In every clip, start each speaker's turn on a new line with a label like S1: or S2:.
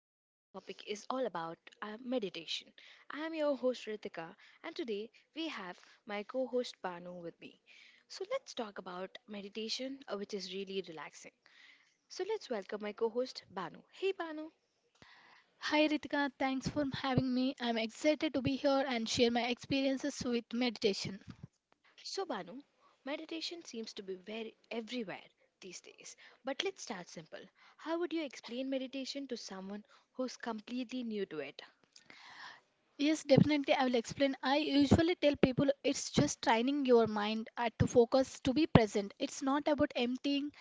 S1: So, today's topic is all about meditation. I am your host, Ritika, and today we have my co host, Banu, with me. So, let's talk about meditation, which is really relaxing. So, let's welcome my co host, Banu. Hey, Banu.
S2: Hi Ritika, thanks for having me. I'm excited to be here and share my experiences with meditation.
S1: So, Banu, meditation seems to be very everywhere these days. But let's start simple. How would you explain meditation to someone who's completely new to it?
S2: Yes, definitely I will explain. I usually tell people it's just training your mind to focus, to be present. It's not about emptying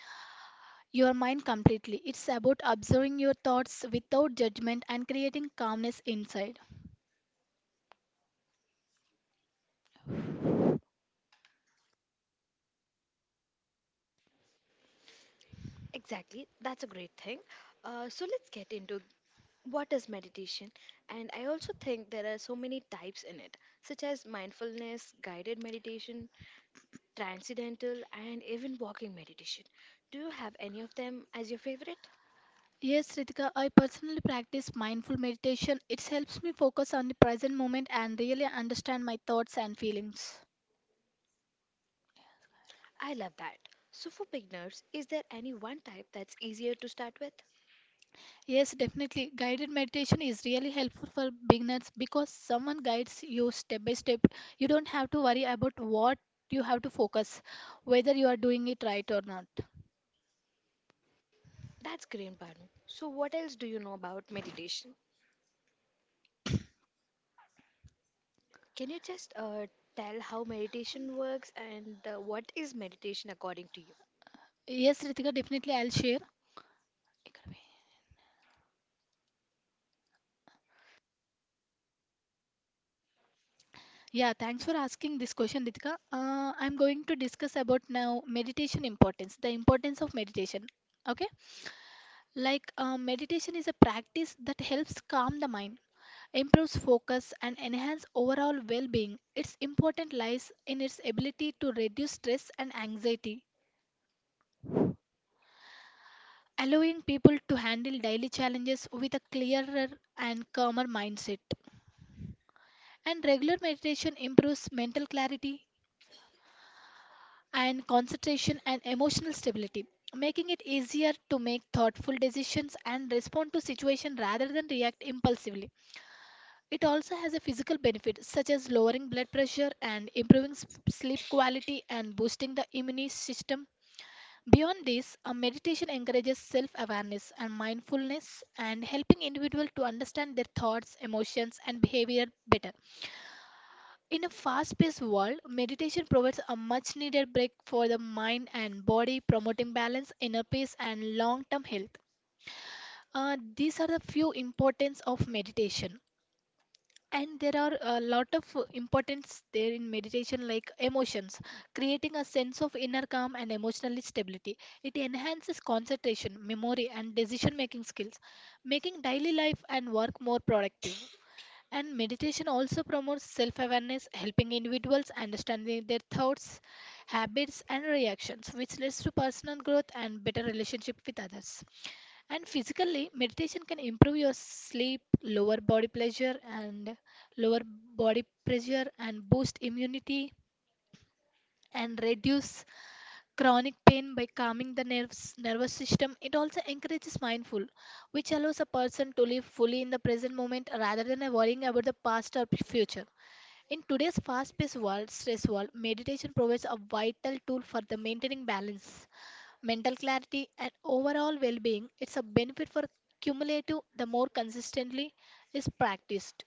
S2: your mind completely. It's about observing your thoughts without judgment and creating calmness inside.
S1: Exactly, that's a great thing. So let's get into what is meditation. And I also think there are so many types in it, such as mindfulness, guided meditation, transcendental, and even walking meditation. Do you have any of them as your favorite?
S2: Yes, Ritika, I personally practice mindful meditation. It helps me focus on the present moment and really understand my thoughts and feelings.
S1: I love that. So for beginners, is there any one type that's easier to start with?
S2: Yes, definitely. Guided meditation is really helpful for beginners because someone guides you step by step. You don't have to worry about what you have to focus, whether you are doing it right or not.
S1: That's great, Banu. So what else do you know about meditation? Can you just tell how meditation works and what is meditation according to you?
S2: Yes, Ritika, definitely I'll share. Yeah, thanks for asking this question, Ritika. I'm going to discuss about now meditation importance, the importance of meditation. Okay, like meditation is a practice that helps calm the mind, improves focus and enhance overall well-being. Its importance lies in its ability to reduce stress and anxiety, allowing people to handle daily challenges with a clearer and calmer mindset. And regular meditation improves mental clarity and concentration and emotional stability, making it easier to make thoughtful decisions and respond to situations rather than react impulsively. It also has a physical benefit such as lowering blood pressure and improving sleep quality and boosting the immune system. Beyond this, a meditation encourages self-awareness and mindfulness and helping individuals to understand their thoughts, emotions and behavior better. In a fast-paced world, meditation provides a much-needed break for the mind and body, promoting balance, inner peace and long-term health. These are the few importance of meditation. And there are a lot of importance there in meditation like emotions, creating a sense of inner calm and emotional stability. It enhances concentration, memory and decision making skills, making daily life and work more productive. And meditation also promotes self awareness, helping individuals understanding their thoughts, habits and reactions, which leads to personal growth and better relationship with others. And physically, meditation can improve your sleep, lower body pleasure and lower body pressure and boost immunity and reduce chronic pain by calming the nerves nervous system. It also encourages mindful, which allows a person to live fully in the present moment rather than worrying about the past or future. In today's fast-paced world, stress world, meditation provides a vital tool for the maintaining balance, mental clarity and overall well-being. It's a benefit for cumulative, the more consistently is practiced,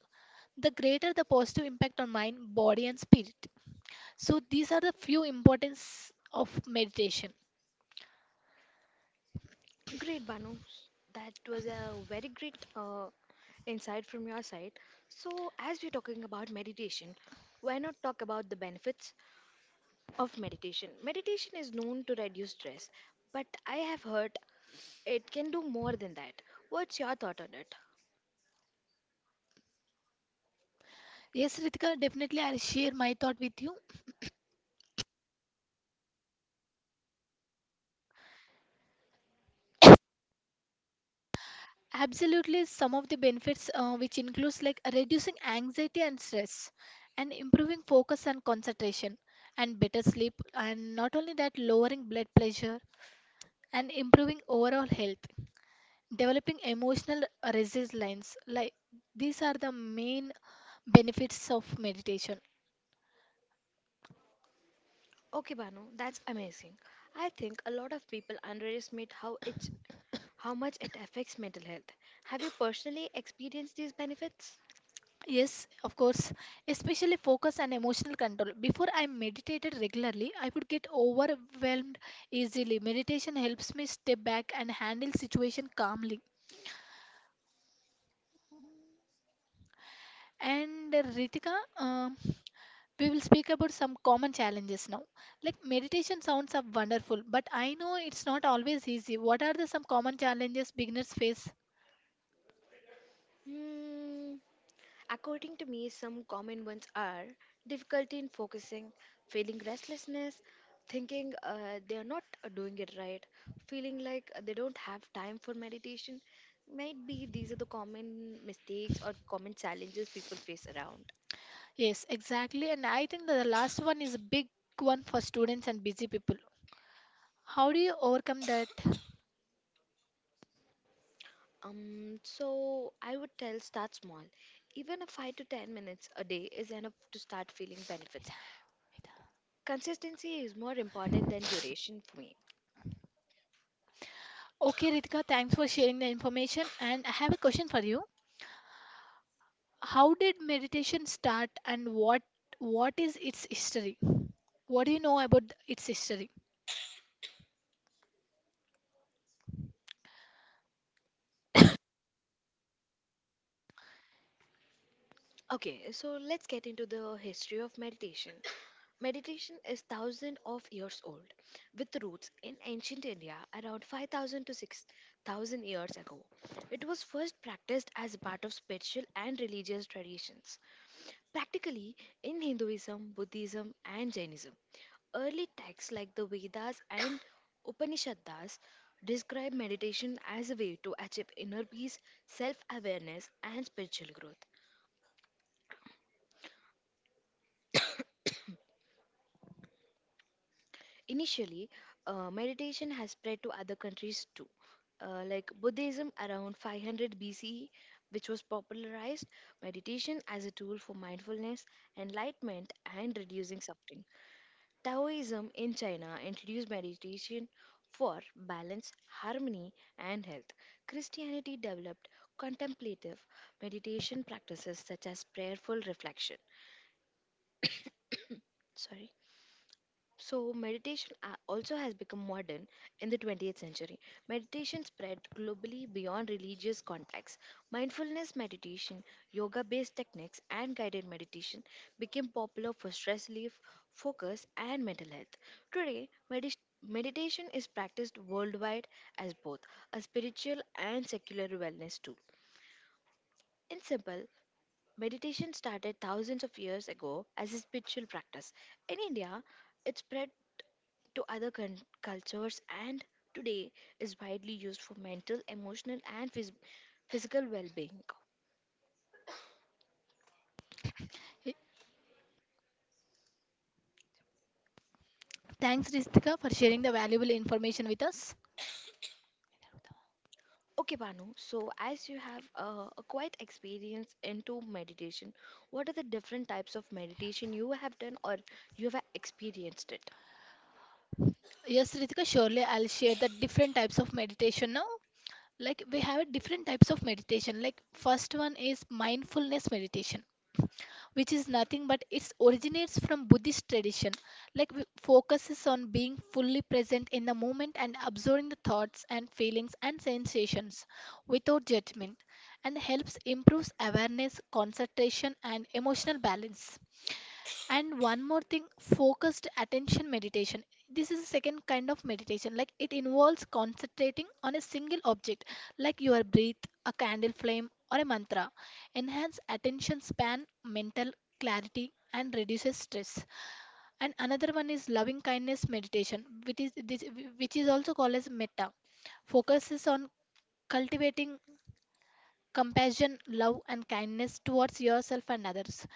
S2: the greater the positive impact on mind, body and spirit. So these are the few importance of meditation.
S1: Great, Banu. That was a very great insight from your side. So, as we're talking about meditation, why not talk about the benefits of meditation? Meditation is known to reduce stress, but I have heard it can do more than that. What's your thought on it?
S2: Yes Ritika, definitely I'll share my thought with you. Absolutely, some of the benefits which includes like reducing anxiety and stress and improving focus and concentration and better sleep and not only that, lowering blood pressure and improving overall health, developing emotional resilience. Like these are the main benefits of meditation.
S1: Okay, Banu, that's amazing. I think a lot of people underestimate how much it affects mental health. Have you personally experienced these benefits?
S2: Yes, of course, especially focus and emotional control. Before I meditated regularly I would get overwhelmed easily. Meditation helps me step back and handle situation calmly. And Ritika, um, we will speak about some common challenges now. Like meditation sounds are wonderful, but I know it's not always easy. What are the some common challenges beginners face?
S1: Hmm. According to me, some common ones are difficulty in focusing, feeling restlessness, thinking they are not doing it right, feeling like they don't have time for meditation. Might be these are the common mistakes or common challenges people face around.
S2: Yes, exactly. And I think that the last one is a big one for students and busy people. How do you overcome that?
S1: So I would tell start small. Even a 5 to 10 minutes a day is enough to start feeling benefits. Consistency is more important than duration for me.
S2: Okay, Ritika, thanks for sharing the information. And I have a question for you. How did meditation start and what is its history? What do you know about its history?
S1: Okay, so let's get into the history of meditation. Meditation is thousands of years old, with roots in ancient India around 5,000 to 6,000 years ago. It was first practiced as part of spiritual and religious traditions, practically in Hinduism, Buddhism, and Jainism. Early texts like the Vedas and Upanishads describe meditation as a way to achieve inner peace, self awareness, and spiritual growth. Initially, meditation has spread to other countries too, like Buddhism around 500 BCE, which was popularized meditation as a tool for mindfulness, enlightenment, and reducing suffering. Taoism in China introduced meditation for balance, harmony, and health. Christianity developed contemplative meditation practices such as prayerful reflection. Sorry. So, meditation also has become modern in the 20th century. Meditation spread globally beyond religious contexts. Mindfulness meditation, yoga based techniques, and guided meditation became popular for stress relief, focus, and mental health. Today, meditation is practiced worldwide as both a spiritual and secular wellness tool. In simple, meditation started thousands of years ago as a spiritual practice. In India, it spread to other cultures and today is widely used for mental, emotional, and physical well being.
S2: Eh, thanks, Ritika, for sharing the valuable information with us.
S1: Okay, Banu, so as you have a quite experience into meditation, what are the different types of meditation you have done or you have experienced it?
S2: Yes, Ritika, surely I'll share the different types of meditation now. Like we have different types of meditation. Like first one is mindfulness meditation, which is nothing but it originates from Buddhist tradition, like focuses on being fully present in the moment and absorbing the thoughts and feelings and sensations without judgment, and helps improves awareness, concentration, and emotional balance. And one more thing, focused attention meditation. This is a second kind of meditation. Like it involves concentrating on a single object, like your breath, a candle flame, or a mantra. Enhance attention span, mental clarity, and reduces stress. And another one is loving kindness meditation, which is this, which is also called as metta. Focuses on cultivating compassion, love, and kindness towards yourself and others,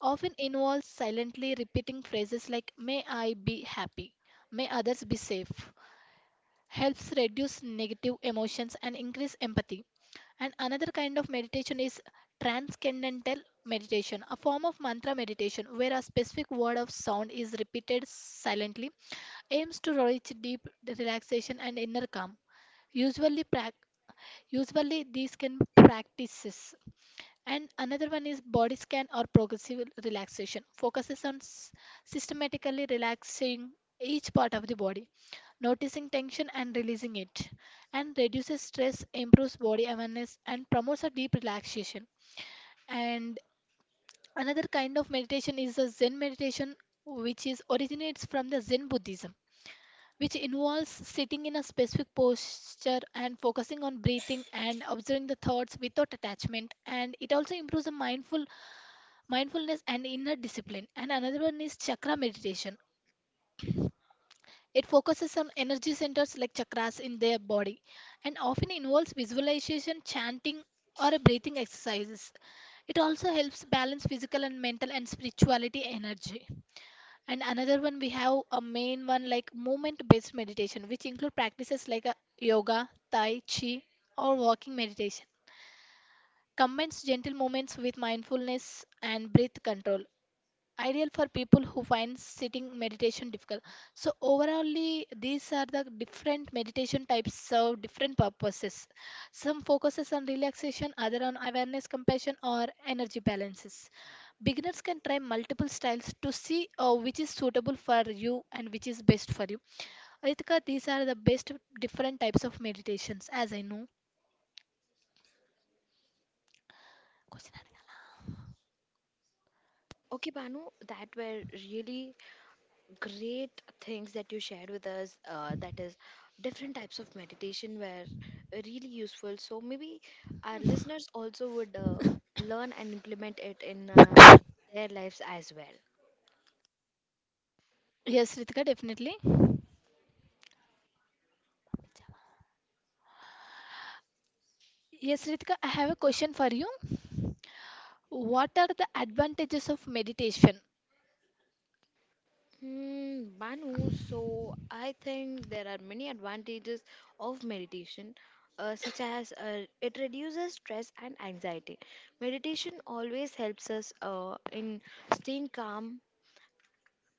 S2: often involves silently repeating phrases like may I be happy, may others be safe, helps reduce negative emotions and increase empathy. And another kind of meditation is transcendental meditation, a form of mantra meditation where a specific word of sound is repeated silently, aims to reach deep relaxation and inner calm. Usually, prac- usually these can be practices. And another one is body scan or progressive relaxation, focuses on systematically relaxing each part of the body, noticing tension and releasing it, and reduces stress, improves body awareness, and promotes a deep relaxation. And another kind of meditation is the Zen meditation, which is originates from the Zen Buddhism, which involves sitting in a specific posture and focusing on breathing and observing the thoughts without attachment. And it also improves the mindfulness and inner discipline. And another one is chakra meditation. It focuses on energy centers like chakras in their body, and often involves visualization, chanting or breathing exercises. It also helps balance physical and mental and spirituality energy. And another one we have, a main one, like movement based meditation, which include practices like yoga, tai chi or walking meditation, combines gentle movements with mindfulness and breath control, ideal for people who find sitting meditation difficult. So overallly, these are the different meditation types serve different purposes. Some focuses on relaxation, other on awareness, compassion, or energy balances. Beginners can try multiple styles to see which is suitable for you and which is best for you. Ritika, these are the best different types of meditations, as I know. Question.
S1: Okay, Banu, that were really great things that you shared with us that is different types of meditation were really useful so maybe our listeners also would learn and implement it in their lives as well.
S2: Yes, Ritika, definitely. Yes, Ritika, I have a question for you. What are the advantages of meditation?
S1: Hmm, Banu, so I think there are many advantages of meditation, such as it reduces stress and anxiety. Meditation always helps us in staying calm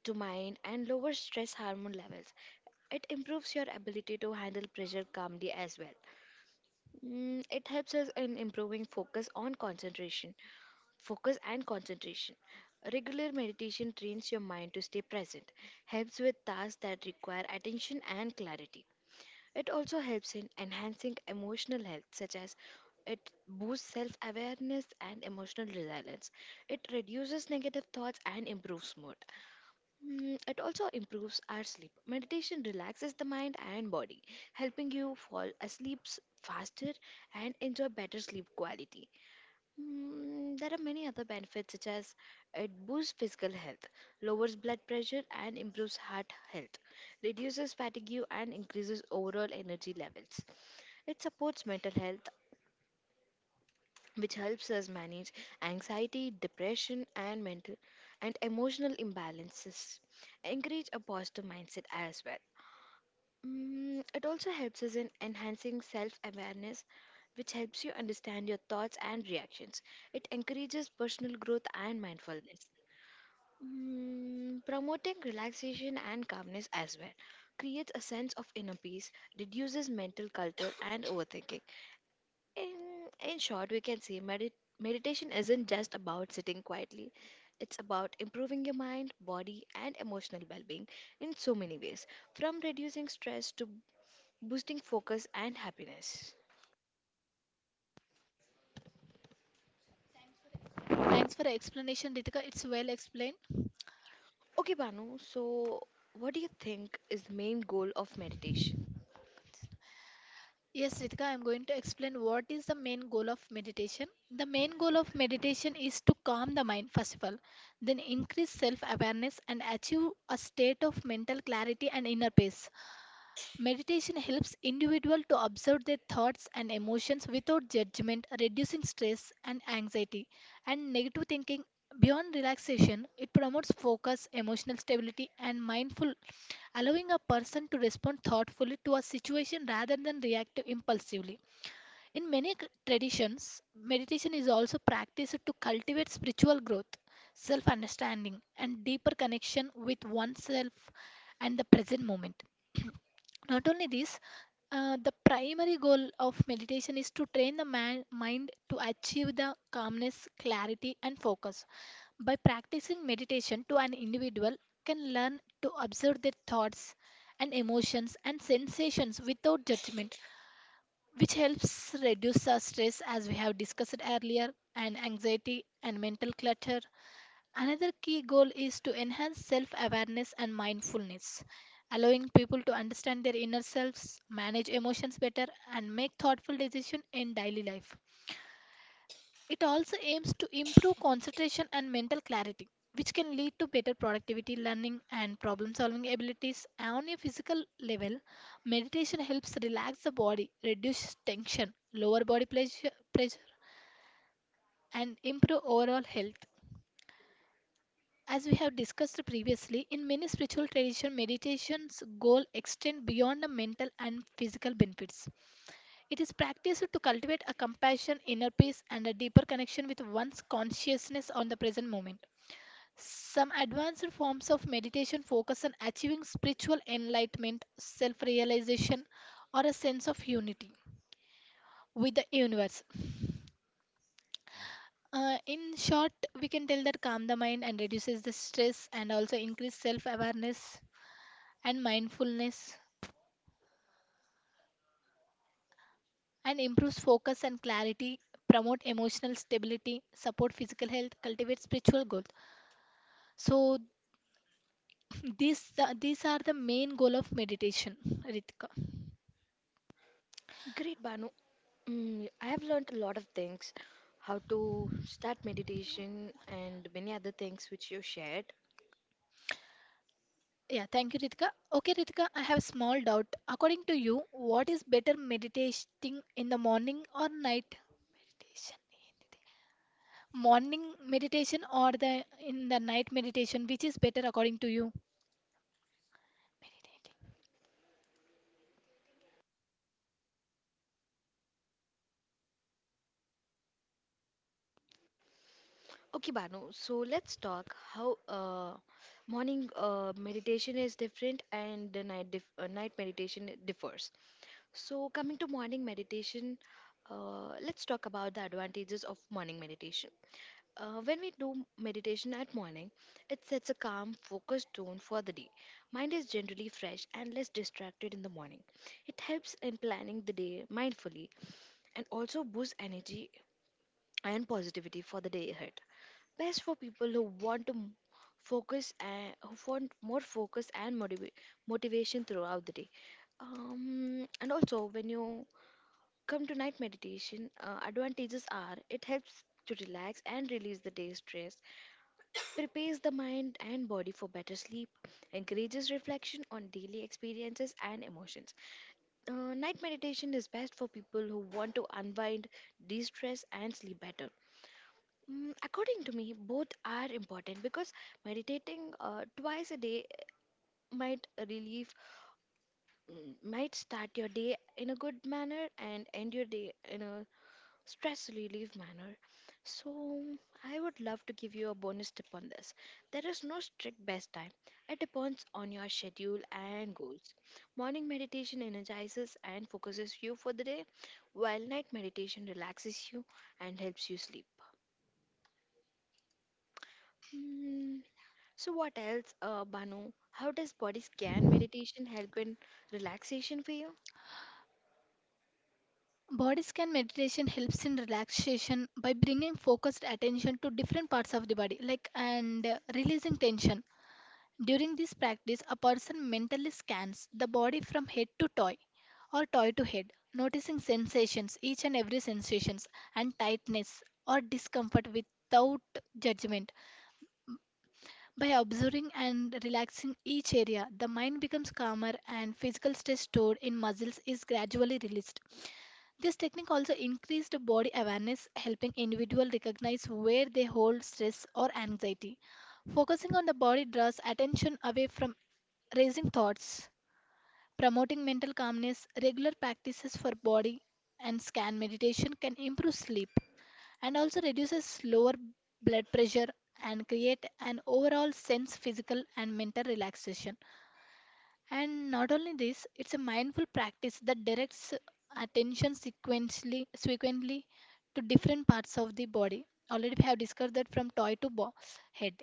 S1: to mind and lower stress hormone levels. It improves your ability to handle pressure calmly as well. Mm, it helps us in improving focus on concentration. Focus and concentration. Regular meditation trains your mind to stay present, helps with tasks that require attention and clarity. It also helps in enhancing emotional health, such as it boosts self awareness and emotional resilience. It reduces negative thoughts and improves mood. Mm, it also improves our sleep. Meditation relaxes the mind and body, helping you fall asleep faster and enjoy better sleep quality. Mm, there are many other benefits, such as it boosts physical health, lowers blood pressure, and improves heart health, reduces fatigue, and increases overall energy levels. It supports mental health, which helps us manage anxiety, depression, and mental and emotional imbalances. Encourage a positive mindset as well. Mm, it also helps us in enhancing self awareness, which helps you understand your thoughts and reactions. It encourages personal growth and mindfulness. Mm, promoting relaxation and calmness as well creates a sense of inner peace, reduces mental culture and overthinking. In, in short, we can say meditation isn't just about sitting quietly. It's about improving your mind, body, and emotional well being in so many ways, from reducing stress to boosting focus and happiness.
S2: Thanks for the explanation, Ritika. It's well explained.
S1: Okay, Banu, so what do you think is the main goal of meditation?
S2: Yes, Ritika, I'm going to explain what is the main goal of meditation. The main goal of meditation is to calm the mind, first of all, then increase self awareness and achieve a state of mental clarity and inner peace. Meditation helps individual to observe their thoughts and emotions without judgment, reducing stress and anxiety and negative thinking. Beyond relaxation, it promotes focus, emotional stability and mindful, allowing a person to respond thoughtfully to a situation rather than react impulsively. In many traditions, meditation is also practiced to cultivate spiritual growth, self-understanding and deeper connection with oneself and the present moment. Not only this, the primary goal of meditation is to train the mind to achieve the calmness, clarity and focus. By practicing meditation to an individual can learn to observe their thoughts and emotions and sensations without judgment, which helps reduce our stress, as we have discussed earlier, and anxiety and mental clutter. Another key goal is to enhance self awareness and mindfulness, allowing people to understand their inner selves, manage emotions better, and make thoughtful decisions in daily life. It also aims to improve concentration and mental clarity, which can lead to better productivity, learning, and problem solving abilities. On a physical level, meditation helps relax the body, reduce tension, lower body pleasure, pressure, and improve overall health. As we have discussed previously, in many spiritual traditions, meditation's goal extend beyond the mental and physical benefits. It is practiced to cultivate a compassion, inner peace, and a deeper connection with one's consciousness on the present moment. Some advanced forms of meditation focus on achieving spiritual enlightenment, self realization, or a sense of unity with the universe. In short, we can tell that calm the mind and reduces the stress and also increase self awareness and mindfulness and improves focus and clarity, promote emotional stability, support physical health, cultivate spiritual growth. So these these are the main goal of meditation, Ritika.
S1: Great, Banu. Mm, I have learned a lot of things how to start meditation and many other things which you shared.
S2: Yeah, thank you, Ritika. Okay, Ritika, I have a small doubt. According to you, what is better meditating in the morning or night? Meditation in the day. Morning meditation or the in the night meditation, which is better according to you?
S1: Okay, Banu. So let's talk how morning meditation is different and the night night meditation differs. So coming to morning meditation, let's talk about the advantages of morning meditation. When we do meditation at morning, it sets a calm, focused tone for the day. Mind is generally fresh and less distracted in the morning. It helps in planning the day mindfully and also boosts energy and positivity for the day ahead, best for people who want to focus, and who want more focus and motivation throughout the day. And also when you come to night meditation, advantages are it helps to relax and release the day's stress, prepares the mind and body for better sleep, encourages reflection on daily experiences and emotions. Night meditation is best for people who want to unwind, de-stress and sleep better. Mm, according to me, both are important because meditating twice a day might relieve, might start your day in a good manner and end your day in a stress relief manner. So, I would love to give you a bonus tip on this. There is no strict best time, it depends on your schedule and goals. Morning meditation energizes and focuses you for the day, while night meditation relaxes you and helps you sleep. Hmm. So what else, Banu? How does body scan meditation help in relaxation for you?
S2: Body scan meditation helps in relaxation by bringing focused attention to different parts of the body, like and releasing tension. During this practice, a person mentally scans the body from head to toe or toe to head, noticing sensations, each and every sensations, and tightness or discomfort without judgment. By observing and relaxing each area, the mind becomes calmer and physical stress stored in muscles is gradually released. This technique also increased body awareness, helping individuals recognize where they hold stress or anxiety. Focusing on the body draws attention away from racing thoughts. Promoting mental calmness, regular practices for body and scan meditation can improve sleep and also reduces lower blood pressure and create an overall sense physical and mental relaxation. And not only this, it's a mindful practice that directs attention sequentially, to different parts of the body. Already we have discussed that from head.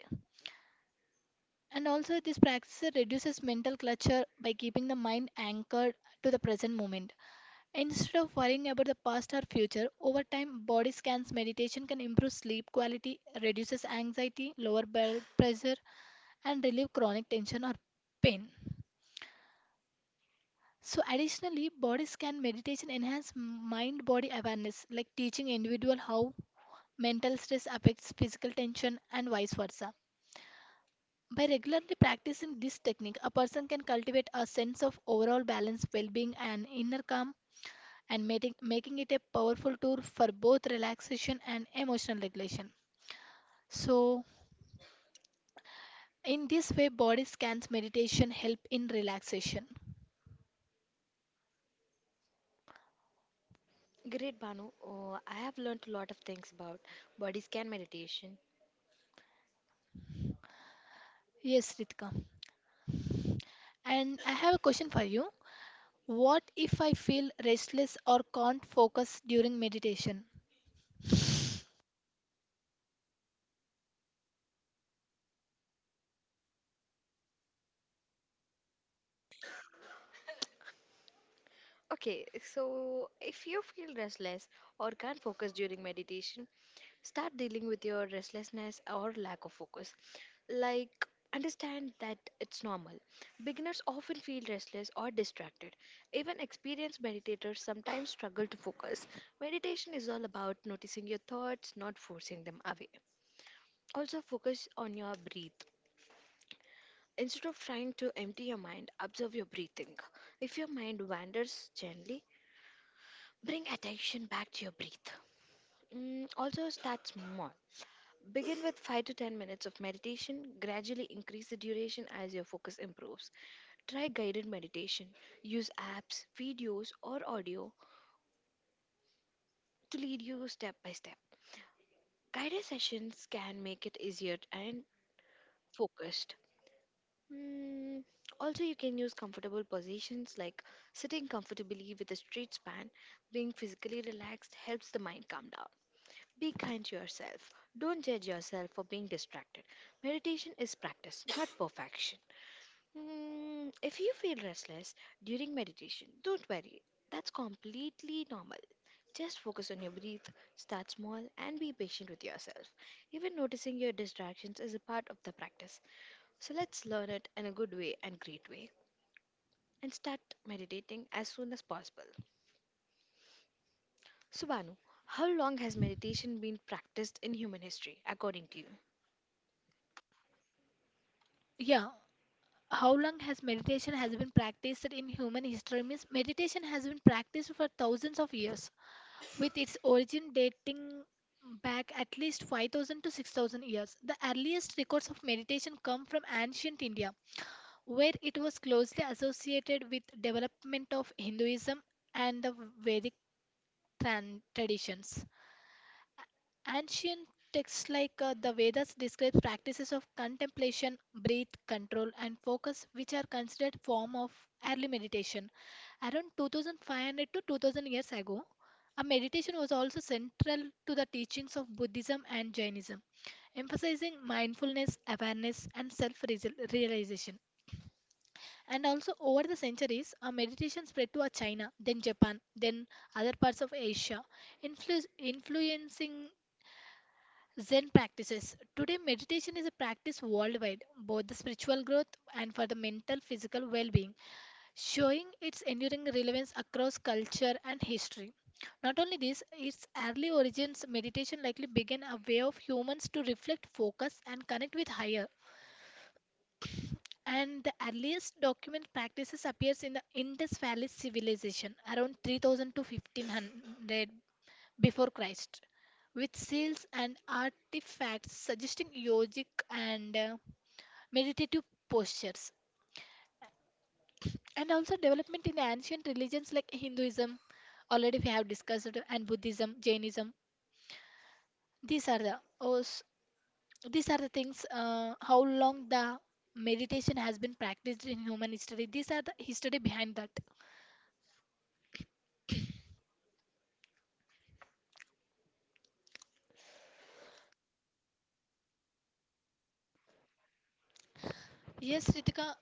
S2: And also this practice reduces mental clutter by keeping the mind anchored to the present moment. Instead of worrying about the past or future, over time body scans meditation can improve sleep quality, reduces anxiety, lower blood pressure and relieve chronic tension or pain. So, additionally, body scan meditation enhance mind body awareness, like teaching individual how mental stress affects physical tension and vice versa. By regularly practicing this technique, a person can cultivate a sense of overall balance, well being, and inner calm, and making it a powerful tool for both relaxation and emotional regulation. So, in this way, body scans meditation help in relaxation.
S1: Great, Banu. I have learned a lot of things about body scan meditation.
S2: Yes, Ritika. And I have a question for you. What if I feel restless or can't focus during meditation?
S1: Okay, so if you feel restless or can't focus during meditation, start dealing with your restlessness or lack of focus. Like, understand that it's normal. Beginners often feel restless or distracted. Even experienced meditators sometimes struggle to focus. Meditation is all about noticing your thoughts, not forcing them away. Also, focus on your breath. Instead of trying to empty your mind, observe your breathing. If your mind wanders gently, bring attention back to your breath. Mm, also, start small. Begin with 5 to 10 minutes of meditation. Gradually increase the duration as your focus improves. Try guided meditation. Use apps, videos, or audio to lead you step by step. Guided sessions can make it easier and focused. Mm, also, you can use comfortable positions like sitting comfortably with a straight spine. Being physically relaxed helps the mind calm down. Be kind to yourself. Don't judge yourself for being distracted. Meditation is practice, not perfection. Mm, if you feel restless during meditation, don't worry. That's completely normal. Just focus on your breath, start small, and be patient with yourself. Even noticing your distractions is a part of the practice. So let's learn it in a good way and great way and start meditating as soon as possible. Subhanu, how long has meditation been practiced in human history, according to you?
S2: Yeah, how long has meditation has been practiced in human history means meditation has been practiced for thousands of years with its origin dating back at least 5000 to 6000 years. The earliest records of meditation come from ancient India where it was closely associated with development of Hinduism and the Vedic traditions. Ancient texts like the Vedas describe practices of contemplation, breath control, and focus, which are considered form of early meditation. Around 2,500 to 2,000 years ago, a meditation was also central to the teachings of Buddhism and Jainism, emphasizing mindfulness, awareness, and self-realization. And also, over the centuries, a meditation spread to China, then Japan, then other parts of Asia, influencing Zen practices. Today, meditation is a practice worldwide, both the spiritual growth and for the mental physical well being, showing its enduring relevance across culture and history. Not only this, its early origins, meditation likely began a way of humans to reflect, focus, and connect with higher. And the earliest document practices appears in the Indus Valley civilization around 3000 to 1500 before Christ, with seals and artifacts suggesting yogic and meditative postures, and also development in ancient religions like Hinduism, already we have discussed, and Buddhism, Jainism. These are the these are the things. How long the meditation has been practiced in human history? These are the history behind that. Yes, Ritika,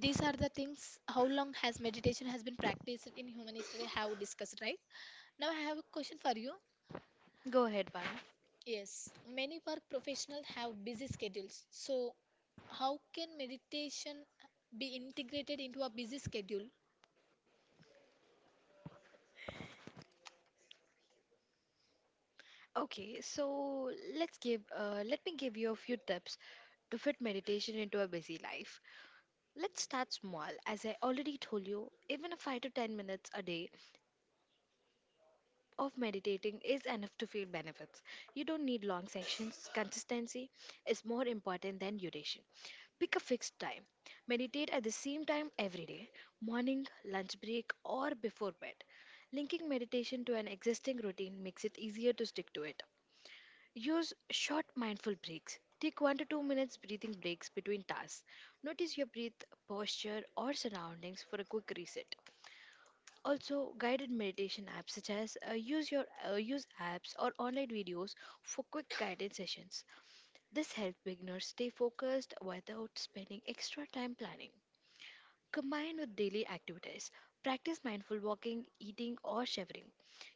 S2: these are the things. How long has meditation has been practiced in human history? Have discussed, right? Now I have a question for you.
S1: Go ahead, Banu.
S2: Yes, many work professionals have busy schedules. So, how can meditation be integrated into a busy schedule?
S1: Okay, so let me give you a few tips to fit meditation into a busy life. Let's start small. As I already told you, even a 5 to 10 minutes a day of meditating is enough to feel benefits. You don't need long sessions. Consistency is more important than duration. Pick a fixed time. Meditate at the same time every day, morning, lunch break, or before bed. Linking meditation to an existing routine makes it easier to stick to it. Use short mindful breaks. Take 1 to 2 minutes breathing breaks between tasks. Notice your breath, posture, or surroundings for a quick reset. Also, guided meditation apps, such as use apps or online videos for quick guided sessions. This helps beginners stay focused without spending extra time planning. Combine with daily activities. Practice mindful walking, eating, or showering.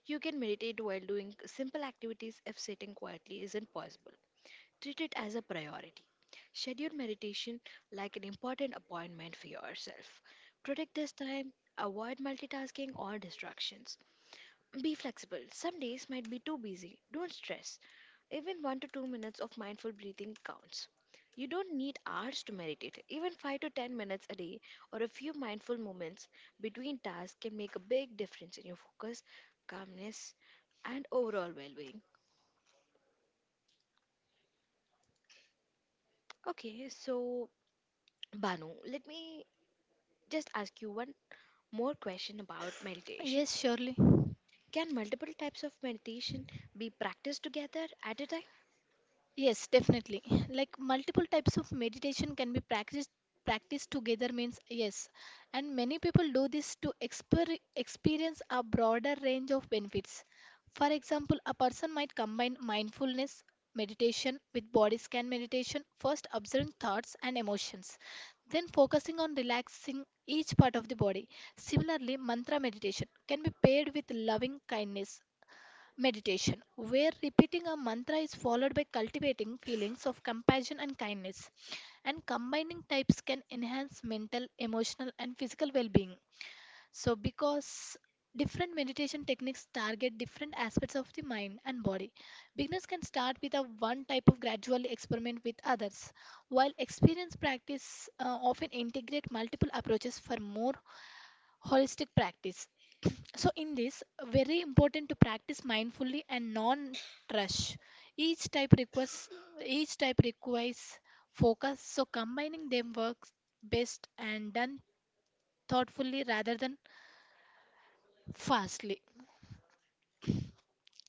S1: You can meditate while doing simple activities if sitting quietly isn't possible. Treat it as a priority. Schedule meditation like an important appointment for yourself. Protect this time, avoid multitasking or distractions. Be flexible. Some days might be too busy. Don't stress. Even 1 to 2 minutes of mindful breathing counts. You don't need hours to meditate. Even 5 to 10 minutes a day or a few mindful moments between tasks can make a big difference in your focus, calmness, and overall well being. Okay, so Banu, let me just ask you one more question about meditation.
S2: Yes, surely.
S1: Can multiple types of meditation be practiced together at a time?
S2: Yes, definitely. Like multiple types of meditation can be practiced together means yes and many people do this to experience a broader range of benefits, for example a person might combine mindfulness meditation with body scan meditation, first observing thoughts and emotions, then focusing on relaxing each part of the body. Similarly mantra meditation can be paired with loving kindness meditation, where repeating a mantra is followed by cultivating feelings of compassion and kindness, and combining types can enhance mental, emotional, and physical well being. So, because different meditation techniques target different aspects of the mind and body, beginners can start with a one type of gradually experiment with others, while experienced practice often integrate multiple approaches for more holistic practice. So, in this, very important to practice mindfully and non-rush. Each type requires each type requires focus. So, combining them works best and done thoughtfully rather than fastly.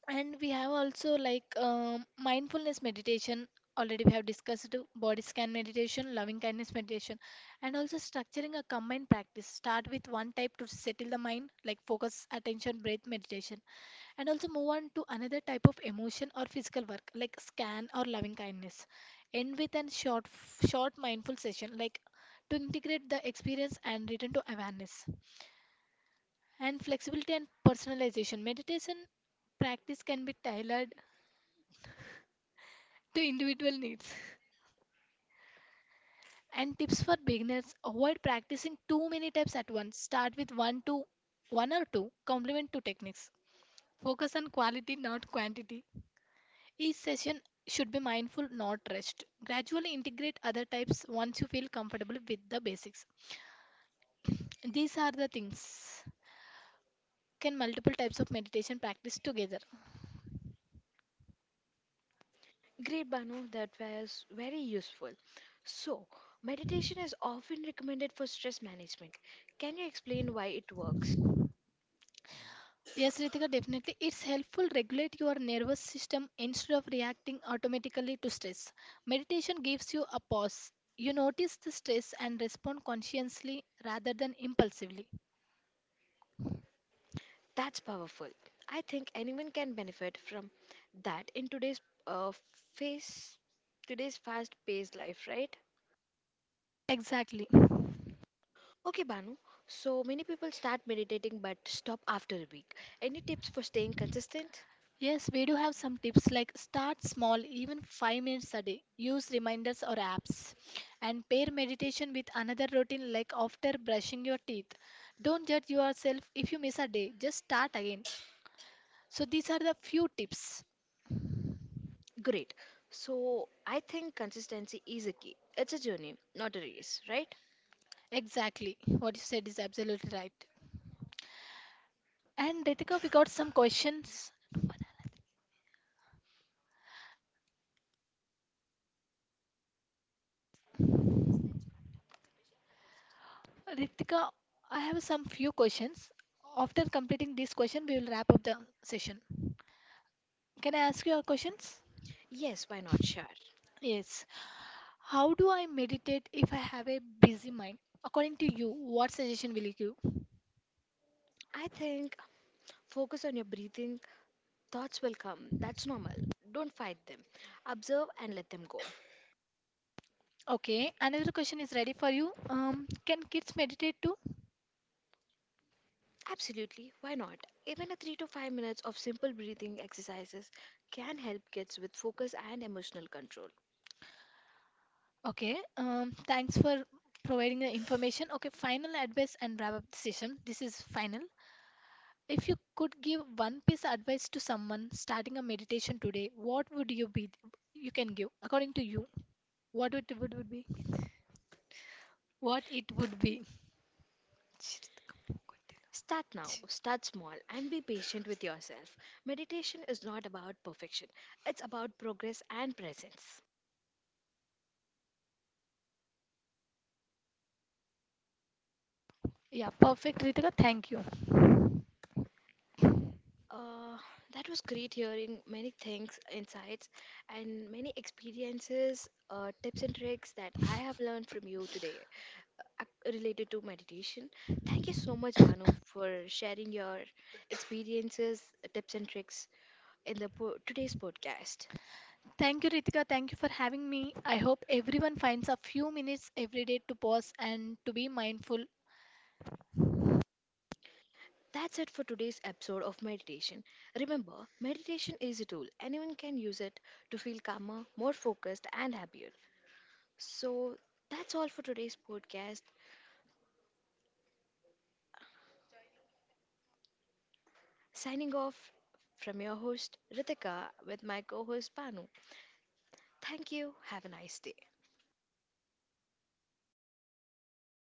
S2: And we have also like mindfulness meditation. Already we have discussed body scan meditation, loving kindness meditation, and also structuring a combined practice. Start with one type to settle the mind, like focus, attention, breath meditation, and also move on to another type of emotion or physical work like scan or loving kindness, end with a short short mindful session like to integrate the experience and return to awareness, and flexibility and personalization meditation practice can be tailored to individual needs, and tips for beginners, avoid practicing too many types at once, start with one to one or two complement two techniques, focus on quality not quantity. Each session should be mindful, not rushed. Gradually integrate other types once you feel comfortable with the basics. These are the things. Can multiple types of meditation practice together?
S1: Great, Banu, that was very useful. So, meditation is often recommended for stress management. Can you explain why it works?
S2: Yes, Ritika, definitely. It's helpful regulate your nervous system instead of reacting automatically to stress. Meditation gives you a pause. You notice the stress and respond consciously rather than impulsively.
S1: That's powerful. I think anyone can benefit from that in today's uh, face today's fast-paced life, right?
S2: Exactly.
S1: Okay, Banu. So many people start meditating but stop after a week. Any tips for staying consistent?
S2: Yes, we do have some tips like start small, even 5 minutes a day. Use reminders or apps. And pair meditation with another routine like after brushing your teeth. Don't judge yourself if you miss a day, just start again. So, these are the few tips.
S1: Great. So I think consistency is a key. It's a journey, not a race, right?
S2: Exactly. What you said is absolutely right. And Ritika, we got some questions. Ritika, I have some few questions. After completing this question, we will wrap up the session. Can I ask you our questions?
S1: Yes, why not? Sure.
S2: Yes. How do I meditate if I have a busy mind? According to you, what suggestion will you give?
S1: I think focus on your breathing. Thoughts will come. That's normal. Don't fight them. Observe and let them go.
S2: Okay, another question is ready for you. Can kids meditate too?
S1: Absolutely. Why not? Even a 3 to 5 minutes of simple breathing exercises can help kids with focus and emotional control.
S2: Okay, thanks for providing the information. Okay, final advice and wrap up the session. This is final. If you could give one piece of advice to someone starting a meditation today, what would you be? You can give according to you. What it would be? What it would be?
S1: Start now, start small, and be patient with yourself. Meditation is not about perfection, it's about progress and presence.
S2: Yeah, perfect, Ritika. Thank you.
S1: Uh, that was great hearing many things, insights, and many experiences, tips, and tricks that I have learned from you today related to meditation. Thank you so much, Banu, for sharing your experiences, tips, and tricks in the today's podcast.
S2: Thank you, Ritika. Thank you for having me. I hope everyone finds a few minutes every day to pause and to be mindful
S1: That's it for today's episode of meditation. Remember, meditation is a tool. Anyone can use it to feel calmer, more focused, and happier. So, that's all for today's podcast. Signing off from your host, Ritika, with my co host, Banu. Thank you. Have a nice day.